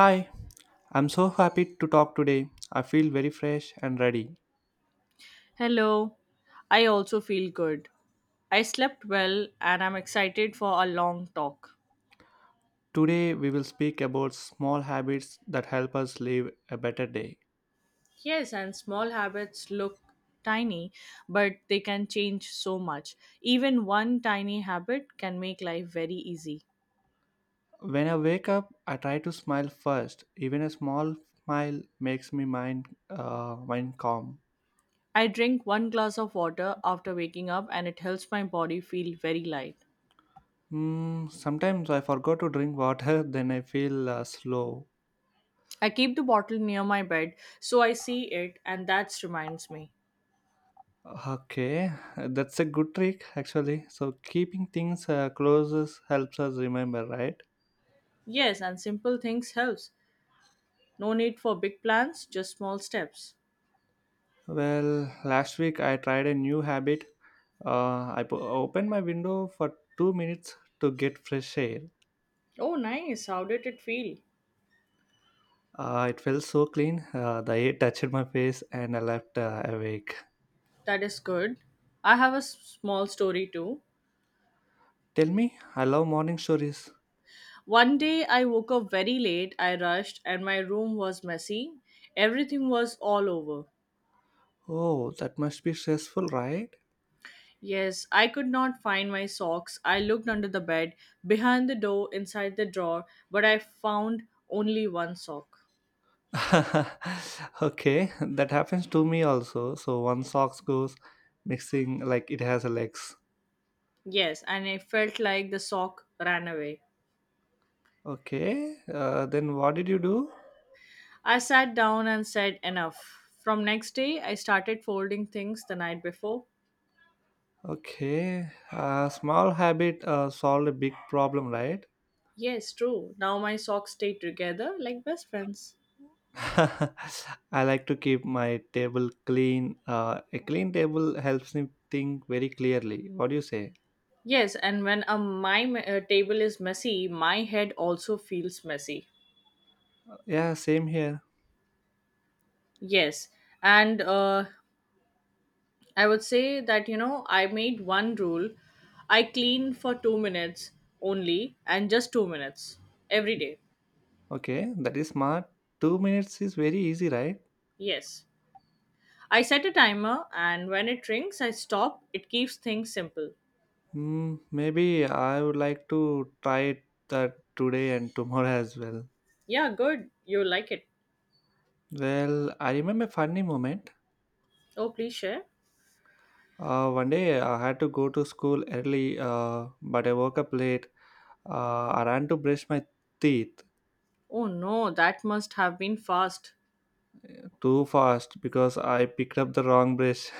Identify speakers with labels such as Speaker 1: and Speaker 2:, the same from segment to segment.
Speaker 1: Hi, I'm so happy to talk today. I feel very fresh and ready.
Speaker 2: Hello, I also feel good. I slept well and I'm excited for a long talk.
Speaker 1: Today, we will speak about small habits that help us live a better day.
Speaker 2: Yes, and small habits look tiny, but they can change so much. Even one tiny habit can make life very easy.
Speaker 1: When I wake up, I try to smile first. Even a small smile makes me mind calm.
Speaker 2: I drink one glass of water after waking up and it helps my body feel very light.
Speaker 1: Mm, sometimes I forgot to drink water, then I feel slow.
Speaker 2: I keep the bottle near my bed so I see it and that reminds me.
Speaker 1: Okay, that's a good trick actually. So, keeping things close helps us remember, right?
Speaker 2: Yes, and simple things helps. No need for big plans, just small steps.
Speaker 1: Well, last week I tried a new habit. I opened my window for 2 minutes to get fresh air.
Speaker 2: Oh, nice. How did it feel?
Speaker 1: It felt so clean. The air touched my face and I left awake.
Speaker 2: That is good. I have a small story too.
Speaker 1: Tell me, I love morning stories.
Speaker 2: One day I woke up very late, I rushed, and my room was messy. Everything was all over.
Speaker 1: Oh, that must be stressful, right?
Speaker 2: Yes, I could not find my socks. I looked under the bed, behind the door, inside the drawer, but I found only one sock.
Speaker 1: Okay, that happens to me also. So one socks goes mixing like it has a legs.
Speaker 2: Yes, and I felt like the sock ran away.
Speaker 1: Okay, then what did you do?
Speaker 2: I sat down and said, "Enough." From next day, I started folding things the night before.
Speaker 1: Okay, a small habit solved a big problem, right?
Speaker 2: Yes, true. Now my socks stay together like best friends.
Speaker 1: I like to keep my table clean. A clean table helps me think very clearly. What do you say?
Speaker 2: Yes, and when my table is messy, my head also feels messy.
Speaker 1: Yeah, same here.
Speaker 2: Yes, and I would say that I made one rule: I clean for 2 minutes only, and just 2 minutes every day.
Speaker 1: Okay, that is smart. 2 minutes is very easy, right?
Speaker 2: Yes, I set a timer, and when it rings, I stop. It keeps things simple.
Speaker 1: Hmm, maybe I would like to try that today and tomorrow as well.
Speaker 2: Yeah, good. You like it?
Speaker 1: Well, I remember a funny moment.
Speaker 2: Oh, please share.
Speaker 1: One day I had to go to school early, but I woke up late. I ran to brush my teeth
Speaker 2: Oh no, that must have been fast.
Speaker 1: too fast because I picked up the wrong brush.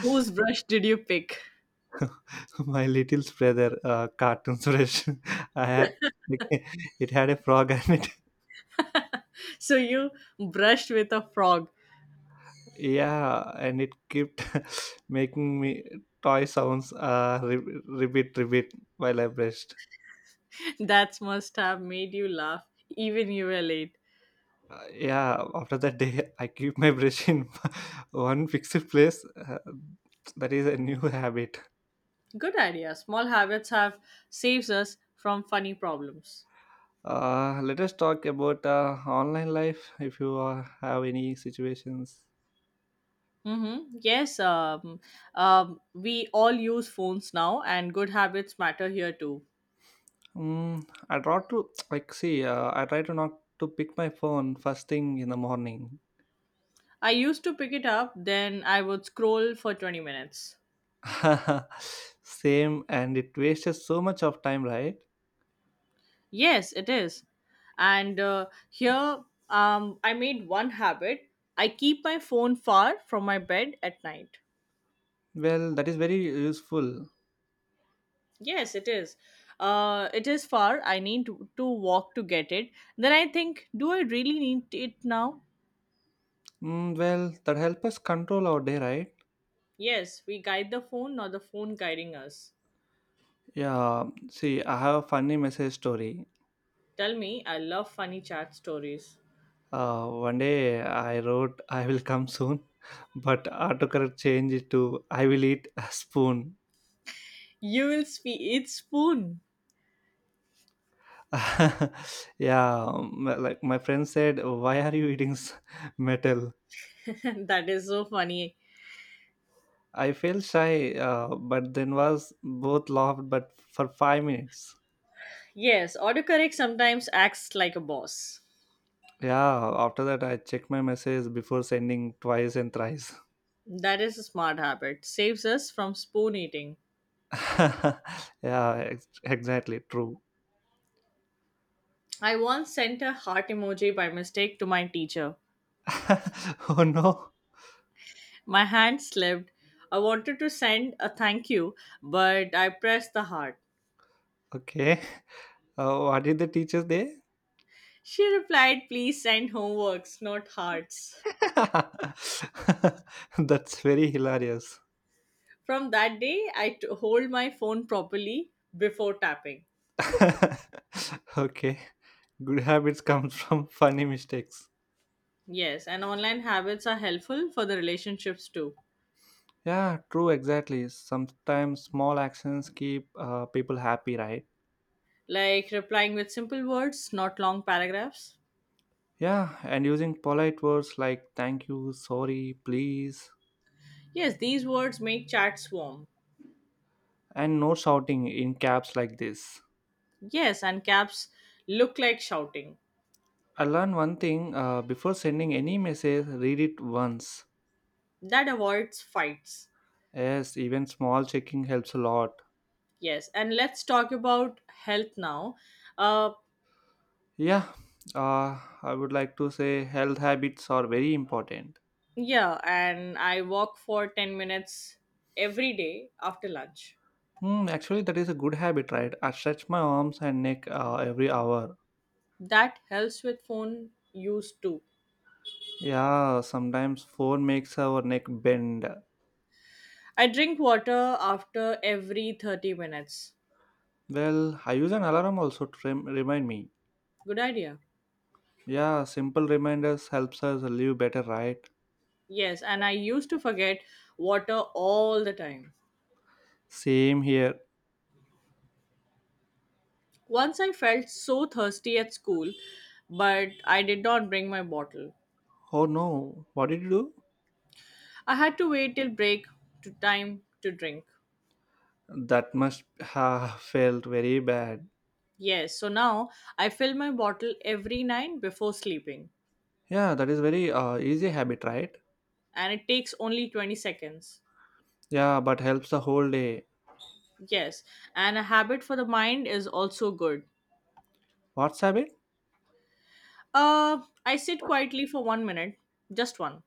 Speaker 2: Whose brush did you pick?
Speaker 1: My little brother, cartoon brush. I had it had a frog on it.
Speaker 2: So you brushed with a frog.
Speaker 1: Yeah, and it kept making me toy sounds. Ribbit, ribbit, while I brushed.
Speaker 2: That must have made you laugh, even you were late.
Speaker 1: Yeah, after that day, I keep my brush in one fixed place. That is a new habit.
Speaker 2: Good idea. Small habits have saves us from funny problems.
Speaker 1: Let us talk about online life. If you have any situations,
Speaker 2: Mm-hmm. Yes, we all use phones now, and good habits matter here too.
Speaker 1: mm, I try to like see. I try to not to pick my phone first thing in the morning.
Speaker 2: I used to pick it up, then I would scroll for 20 minutes.
Speaker 1: Same, and it wastes so much of time, right?
Speaker 2: Yes, it is. And here, I made one habit. I keep my phone far from my bed at night.
Speaker 1: Well, that is very useful.
Speaker 2: Yes, it is. It is far. I need to walk to get it. Then I think, do I really need it now?
Speaker 1: Mm, well, that help us control our day, right?
Speaker 2: Yes, we guide the phone, not the phone guiding us.
Speaker 1: Yeah, see, I have a funny message story.
Speaker 2: Tell me, I love funny chat stories.
Speaker 1: One day I wrote, I will come soon, but autocorrect changed it to, I will eat a spoon.
Speaker 2: You will speak. It's spoon.
Speaker 1: Yeah, like my friend said, why are you eating metal?
Speaker 2: That is so funny.
Speaker 1: I felt shy, but then was both laughed, but for 5 minutes.
Speaker 2: Yes, autocorrect sometimes acts like a boss.
Speaker 1: Yeah, after that, I checked my message before sending twice and thrice.
Speaker 2: That is a smart habit. Saves us from spoon eating.
Speaker 1: Yeah, exactly, true.
Speaker 2: I once sent a heart emoji by mistake to my teacher.
Speaker 1: Oh no.
Speaker 2: My hand slipped. I wanted to send a thank you, but I pressed the heart.
Speaker 1: Okay. What did the teacher say?
Speaker 2: She replied, "Please send homeworks, not hearts."
Speaker 1: That's very hilarious.
Speaker 2: From that day, I hold my phone properly before tapping.
Speaker 1: Okay. Good habits come from funny mistakes.
Speaker 2: Yes, and online habits are helpful for the relationships too,
Speaker 1: Yeah, true, exactly. Sometimes small actions keep people happy, right?
Speaker 2: like replying with simple words, not long paragraphs.
Speaker 1: Yeah, and using polite words like thank you, sorry, please,
Speaker 2: Yes, these words make chats warm.
Speaker 1: and no shouting in caps like this.
Speaker 2: Yes, and caps look like shouting.
Speaker 1: I learned one thing, before sending any message, read it once.
Speaker 2: That avoids fights.
Speaker 1: Yes, even small checking helps a lot.
Speaker 2: Yes, and let's talk about health now. Uh,
Speaker 1: Yeah, I would like to say health habits are very important.
Speaker 2: yeah, and I walk for 10 minutes every day after lunch.
Speaker 1: Hmm, actually, that is a good habit, right? I stretch my arms and neck every hour.
Speaker 2: That helps with phone use too.
Speaker 1: Yeah, sometimes phone makes our neck bend.
Speaker 2: I drink water after every 30 minutes.
Speaker 1: Well, I use an alarm also to remind me.
Speaker 2: Good idea.
Speaker 1: Yeah, simple reminders helps us live better, right?
Speaker 2: Yes, and I used to forget water all the time.
Speaker 1: Same here.
Speaker 2: Once I felt so thirsty at school, but I did not bring my bottle.
Speaker 1: Oh no, what did you do?
Speaker 2: I had to wait till break to time to drink.
Speaker 1: That must have felt very bad.
Speaker 2: Yes, so now I fill my bottle every night before sleeping
Speaker 1: Yeah, that is very easy habit, right?
Speaker 2: and it takes only 20 seconds.
Speaker 1: Yeah, but helps the whole day.
Speaker 2: Yes, and a habit for the mind is also good.
Speaker 1: What's habit?
Speaker 2: Uh, I sit quietly for 1 minute, just one.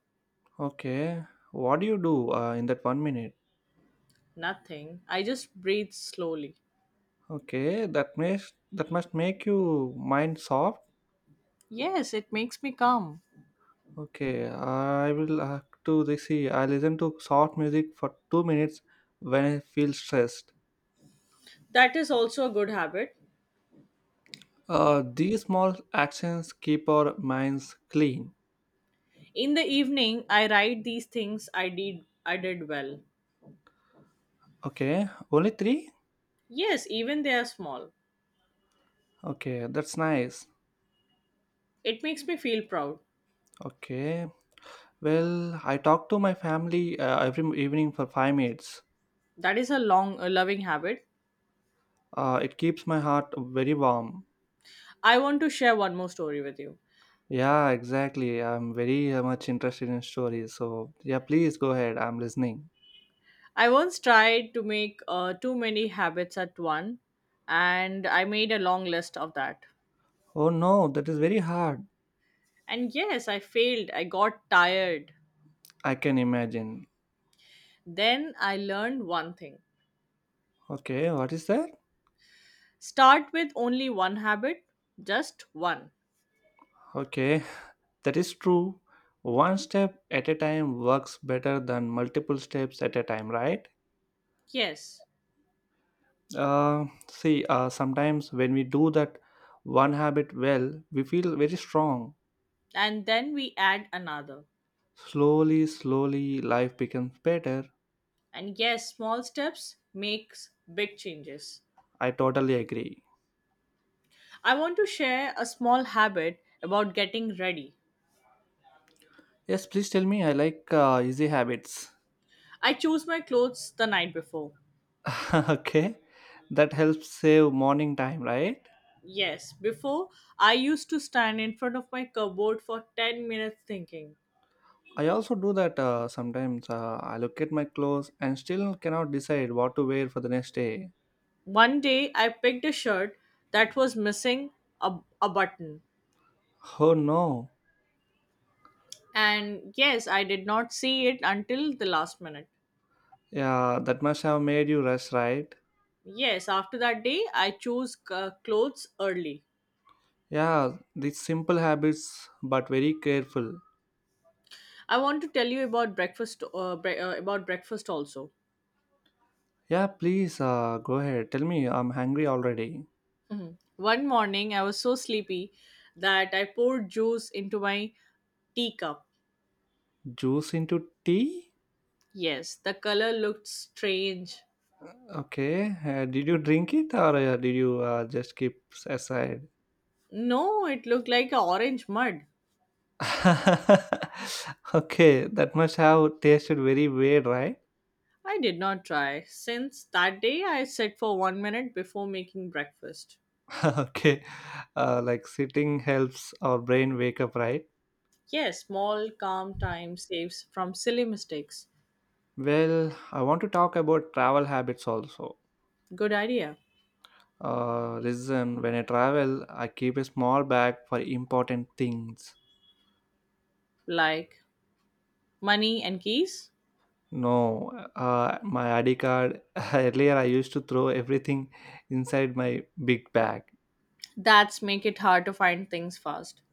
Speaker 1: Okay, what do you do in that 1 minute?
Speaker 2: Nothing. I just breathe slowly.
Speaker 1: Okay, that makes that must make you mind soft.
Speaker 2: Yes, it makes me calm.
Speaker 1: Okay, I will have to this. See, I listen to soft music for 2 minutes when I feel stressed.
Speaker 2: That is also a good habit.
Speaker 1: These small actions keep our minds clean.
Speaker 2: In the evening, I write these things I did well.
Speaker 1: Okay, only three.
Speaker 2: Yes, even they are small.
Speaker 1: Okay, that's nice.
Speaker 2: It makes me feel proud.
Speaker 1: Okay, well, I talk to my family every evening for 5 minutes.
Speaker 2: That is a loving habit.
Speaker 1: It keeps my heart very warm.
Speaker 2: I want to share one more story with you.
Speaker 1: Yeah, exactly. I'm very much interested in stories. So, yeah, please go ahead. I'm listening.
Speaker 2: I once tried to make too many habits at one, and I made a long list of that.
Speaker 1: Oh no, that is very hard.
Speaker 2: And yes, I failed. I got tired.
Speaker 1: I can imagine.
Speaker 2: Then I learned one thing:
Speaker 1: Okay, what is that?
Speaker 2: start with only one habit, just one.
Speaker 1: Okay, that is true. One step at a time works better than multiple steps at a time, right?
Speaker 2: Yes.
Speaker 1: See, sometimes when we do that one habit well, we feel very strong.
Speaker 2: And then we add another.
Speaker 1: Slowly, slowly, life becomes better.
Speaker 2: And yes, small steps makes big changes.
Speaker 1: I totally agree.
Speaker 2: I want to share a small habit about getting ready.
Speaker 1: Yes, please tell me. I like easy habits.
Speaker 2: I choose my clothes the night before.
Speaker 1: Okay, that helps save morning time, right?
Speaker 2: Yes, before I used to stand in front of my cupboard for 10 minutes thinking.
Speaker 1: I also do that, sometimes I look at my clothes and still cannot decide what to wear for the next day.
Speaker 2: One day I picked a shirt that was missing a button.
Speaker 1: Oh no.
Speaker 2: And yes, I did not see it until the last minute.
Speaker 1: Yeah, that must have made you rush, right?
Speaker 2: Yes, after that day I chose clothes early.
Speaker 1: Yeah, these simple habits, but very careful.
Speaker 2: I want to tell you about breakfast also.
Speaker 1: Yeah, please, go ahead, tell me, I'm hungry already.
Speaker 2: Mhm. One morning I was so sleepy that I poured juice into my teacup.
Speaker 1: Juice into tea?
Speaker 2: Yes, the color looked strange.
Speaker 1: Okay, did you drink it or did you just keep aside?
Speaker 2: No, it looked like a orange mud.
Speaker 1: Okay, that must have tasted very weird, right?
Speaker 2: I did not try. Since that day, I sat for 1 minute before making breakfast.
Speaker 1: Okay, like sitting helps our brain wake up, right?
Speaker 2: Yes, small, calm time saves from silly mistakes.
Speaker 1: Well, I want to talk about travel habits also.
Speaker 2: Good idea.
Speaker 1: Listen, when I travel, I keep a small bag for important things.
Speaker 2: Like money and keys?
Speaker 1: No, my ID card. Earlier, I used to throw everything inside my big bag.
Speaker 2: That's make it hard to find things fast.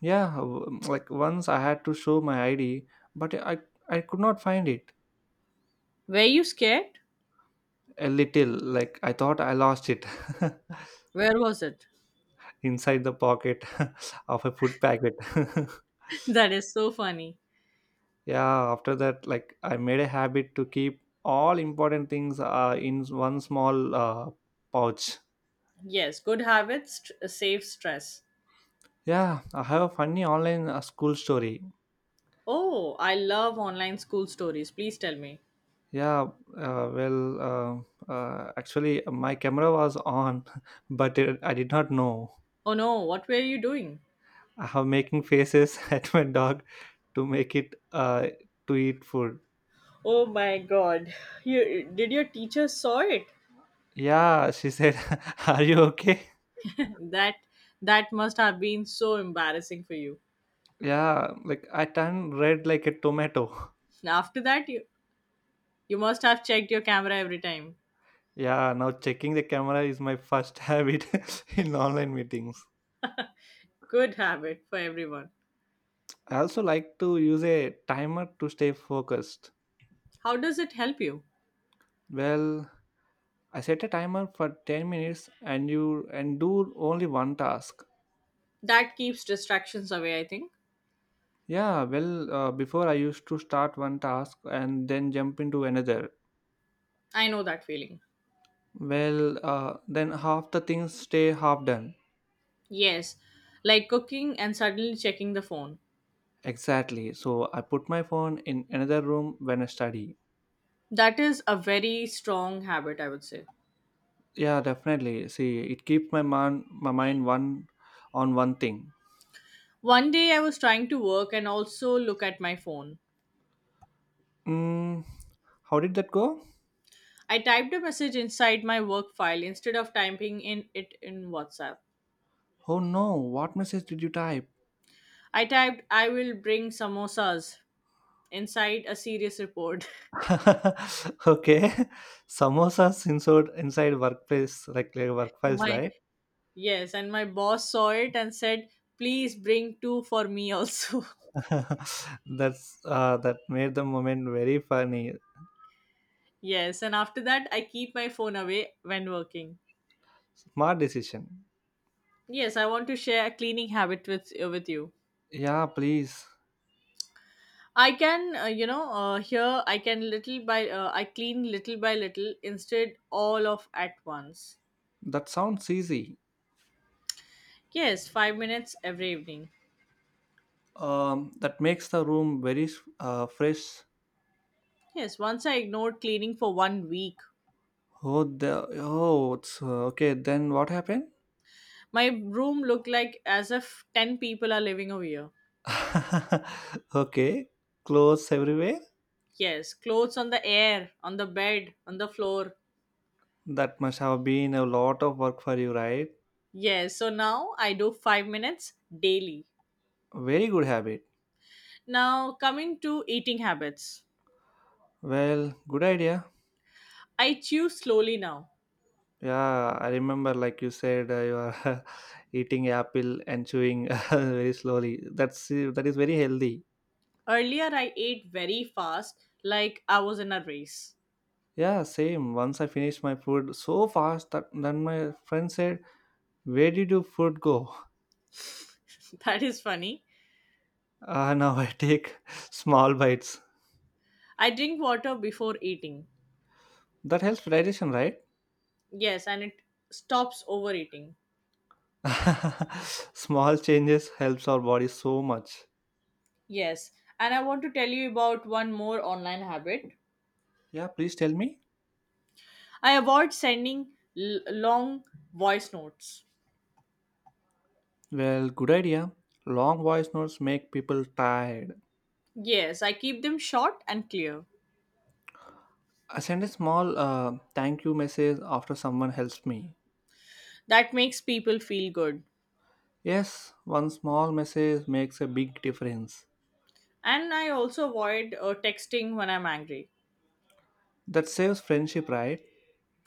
Speaker 1: Yeah, like once I had to show my ID, but I could not find it.
Speaker 2: Were you scared?
Speaker 1: A little, like I thought I lost it.
Speaker 2: Where was it?
Speaker 1: Inside the pocket of a food packet.
Speaker 2: That is so funny.
Speaker 1: Yeah, after that, like I made a habit to keep all important things in one small pouch.
Speaker 2: Yes, good habits save stress.
Speaker 1: Yeah, I have a funny online school story.
Speaker 2: Oh, I love online school stories. Please tell me.
Speaker 1: Yeah, actually, my camera was on, but it, I did not know.
Speaker 2: Oh no, what were you doing?
Speaker 1: I have making faces at my dog to make it to eat food.
Speaker 2: Oh my god. Did your teacher saw it?
Speaker 1: Yeah, she said, are you okay?
Speaker 2: that that must have been so embarrassing for you.
Speaker 1: Yeah, like I turned red like a tomato.
Speaker 2: After that you must have checked your camera every time.
Speaker 1: Yeah, now checking the camera is my first habit in online meetings.
Speaker 2: Good habit for everyone.
Speaker 1: I also like to use a timer to stay focused.
Speaker 2: How does it help you?
Speaker 1: Well, I set a timer for 10 minutes and you and do only one task.
Speaker 2: That keeps distractions away, I think.
Speaker 1: Yeah, well, before I used to start one task and then jump into another.
Speaker 2: I know that feeling.
Speaker 1: Well, then half the things stay half done.
Speaker 2: Yes, like cooking and suddenly checking the phone.
Speaker 1: Exactly. So I put my phone in another room when I study.
Speaker 2: That is a very strong habit, I would say.
Speaker 1: Yeah, definitely. See, it keeps my mind one on one thing.
Speaker 2: One day I was trying to work and also look at my phone.
Speaker 1: Mm, how did that go?
Speaker 2: I typed a message inside my work file instead of typing in it in WhatsApp.
Speaker 1: Oh no! What message did you type?
Speaker 2: I typed, "I will bring samosas" inside a serious report.
Speaker 1: Okay, samosas inside workplace, like work files,
Speaker 2: my
Speaker 1: right?
Speaker 2: Yes, and my boss saw it and said, "Please bring two for me also."
Speaker 1: That's that made the moment very funny.
Speaker 2: Yes, and after that I keep my phone away when working.
Speaker 1: Smart decision.
Speaker 2: Yes, I want to share a cleaning habit with you.
Speaker 1: Yeah, please.
Speaker 2: I can, you know, here I clean little by little instead all of at once.
Speaker 1: That sounds easy.
Speaker 2: Yes, 5 minutes every evening.
Speaker 1: That makes the room very fresh.
Speaker 2: Yes, once I ignored cleaning for 1 week.
Speaker 1: Oh, the, oh, it's okay. Then what happened?
Speaker 2: My room looked like as if 10 people are living over here.
Speaker 1: Okay, clothes everywhere.
Speaker 2: Yes, clothes on the air, on the bed, on the floor.
Speaker 1: That must have been a lot of work for you, right?
Speaker 2: Yes, so now I do 5 minutes daily.
Speaker 1: Very good habit.
Speaker 2: Now, coming to eating habits,
Speaker 1: Well, good idea.
Speaker 2: I chew slowly now.
Speaker 1: Yeah, I remember, like you said, you are eating apple and chewing very slowly. That is very healthy.
Speaker 2: Earlier, I ate very fast, like I was in a race.
Speaker 1: Yeah, same. Once I finished my food so fast that then my friend said, "Where did your food go?"
Speaker 2: That is funny.
Speaker 1: Now I take small bites.
Speaker 2: I drink water before eating.
Speaker 1: That helps digestion, right?
Speaker 2: Yes, and it stops overeating.
Speaker 1: Small changes helps our body so much.
Speaker 2: Yes, and I want to tell you about one more online habit.
Speaker 1: Yeah, please tell me.
Speaker 2: I avoid sending long voice notes.
Speaker 1: Well, good idea. Long voice notes make people tired.
Speaker 2: Yes, I keep them short and clear.
Speaker 1: I send a small thank you message after someone helps me.
Speaker 2: That makes people feel good.
Speaker 1: Yes, one small message makes a big difference.
Speaker 2: And I also avoid texting when I'm angry.
Speaker 1: That saves friendship, right?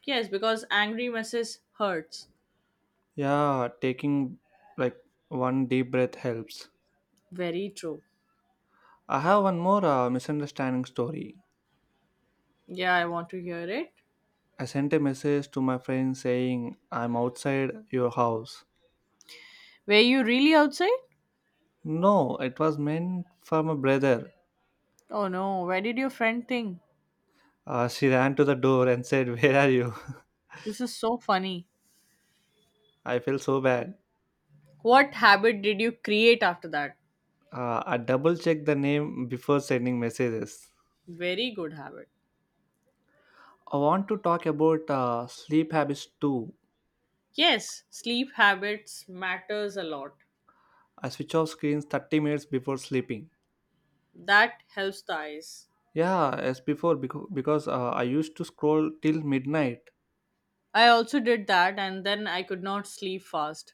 Speaker 2: Yes, because angry messages hurts.
Speaker 1: Yeah, taking like one deep breath helps.
Speaker 2: Very true.
Speaker 1: I have one more misunderstanding story.
Speaker 2: Yeah, I want to hear it.
Speaker 1: I sent a message to my friend saying, I'm outside your house.
Speaker 2: Were you really outside?
Speaker 1: No, it was meant for my brother.
Speaker 2: Oh no, where did your friend think?
Speaker 1: She ran to the door and said, where are you?
Speaker 2: This is so funny.
Speaker 1: I felt so bad.
Speaker 2: What habit did you create after that?
Speaker 1: I double checked the name before sending messages.
Speaker 2: Very good habit.
Speaker 1: I want to talk about sleep habits too.
Speaker 2: Yes, sleep habits matters a lot.
Speaker 1: I switch off screens 30 minutes before sleeping.
Speaker 2: That helps the eyes.
Speaker 1: Yeah, as before, because I used to scroll till midnight.
Speaker 2: I also did that and then I could not sleep fast.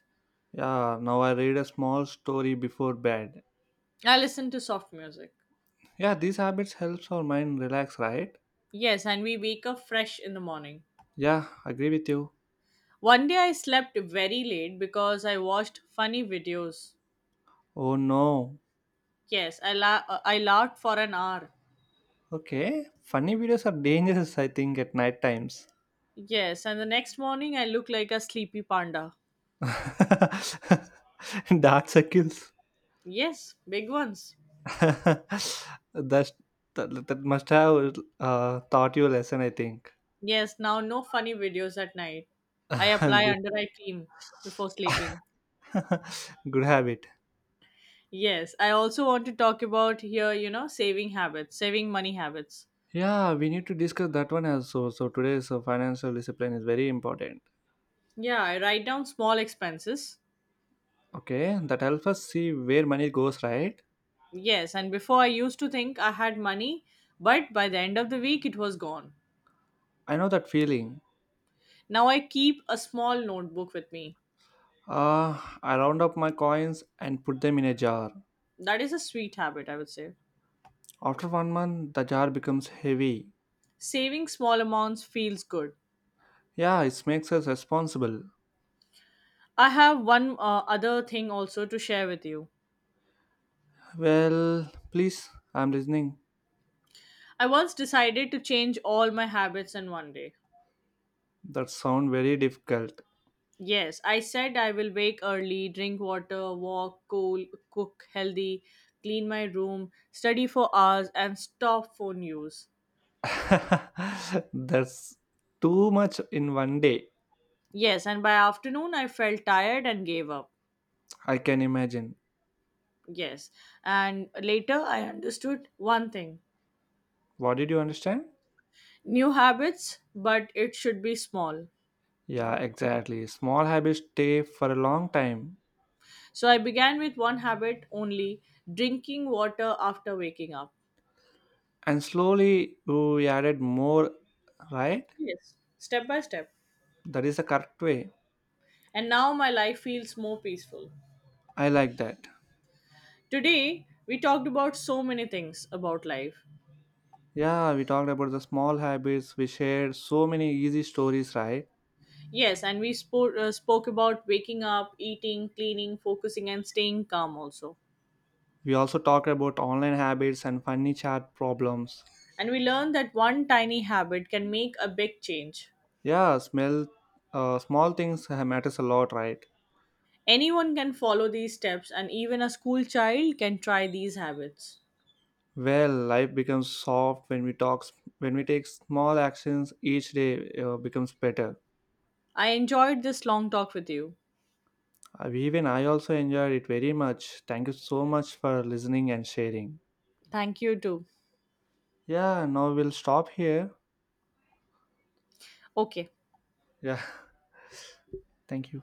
Speaker 1: Yeah, now I read a small story before bed.
Speaker 2: I listened to soft music.
Speaker 1: Yeah, these habits helps our mind relax, right?
Speaker 2: Yes, and we wake up fresh in the morning.
Speaker 1: Yeah, agree with you.
Speaker 2: One day I slept very late because I watched funny videos.
Speaker 1: Oh no.
Speaker 2: Yes, I laughed for an hour.
Speaker 1: Okay, funny videos are dangerous, I think, at night times.
Speaker 2: Yes, and the next morning I look like a sleepy panda.
Speaker 1: Dark circles.
Speaker 2: Yes, big ones.
Speaker 1: That's, that must have taught you a lesson, I think.
Speaker 2: Yes, now no funny videos at night. I apply
Speaker 1: Good.
Speaker 2: under eye cream before sleeping.
Speaker 1: Good habit.
Speaker 2: Yes, I also want to talk about here, saving money habits.
Speaker 1: Yeah, we need to discuss that one also. So today's financial discipline is very important.
Speaker 2: Yeah, I write down small expenses.
Speaker 1: Okay, that helps us see where money goes, right?
Speaker 2: Yes, and before I used to think I had money, but by the end of the week it was gone.
Speaker 1: I know that feeling.
Speaker 2: Now I keep a small notebook with me.
Speaker 1: Uh, I round up my coins and put them in a jar.
Speaker 2: That is a sweet habit, I would say.
Speaker 1: After 1 month, the jar becomes heavy.
Speaker 2: Saving small amounts feels good.
Speaker 1: Yeah, it makes us responsible.
Speaker 2: I have one other thing also to share with you.
Speaker 1: Well, please, I'm listening.
Speaker 2: I once decided to change all my habits in one day.
Speaker 1: That sound very difficult.
Speaker 2: Yes, I said I will wake early, drink water, walk, cook healthy, clean my room, study for hours, and stop phone use.
Speaker 1: That's too much in one day.
Speaker 2: Yes, and by afternoon I felt tired and gave up.
Speaker 1: I can imagine.
Speaker 2: Yes, and later I understood one thing:
Speaker 1: What did you understand?
Speaker 2: new habits, but it should be small.
Speaker 1: Yeah, exactly. Small habits stay for a long time.
Speaker 2: So I began with one habit only drinking water after waking up.
Speaker 1: And slowly we added more, right?
Speaker 2: Yes, step by step.
Speaker 1: That is the correct way.
Speaker 2: And now my life feels more peaceful.
Speaker 1: I like that.
Speaker 2: Today, we talked about so many things about life.
Speaker 1: Yeah, we talked about the small habits. We shared so many easy stories, right?
Speaker 2: Yes, and we spoke about waking up, eating, cleaning, focusing, and staying calm also.
Speaker 1: We also talked about online habits and funny chat problems.
Speaker 2: And we learned that one tiny habit can make a big change.
Speaker 1: Yeah, small things matters a lot, right?
Speaker 2: Anyone can follow these steps, and even a school child can try these habits.
Speaker 1: Well, life becomes soft when we talk. When we take small actions each day, becomes better.
Speaker 2: I enjoyed this long talk with you.
Speaker 1: Even I also enjoyed it very much. Thank you so much for listening and sharing.
Speaker 2: Thank you too.
Speaker 1: Yeah, now we'll stop here.
Speaker 2: Okay.
Speaker 1: Yeah, thank you.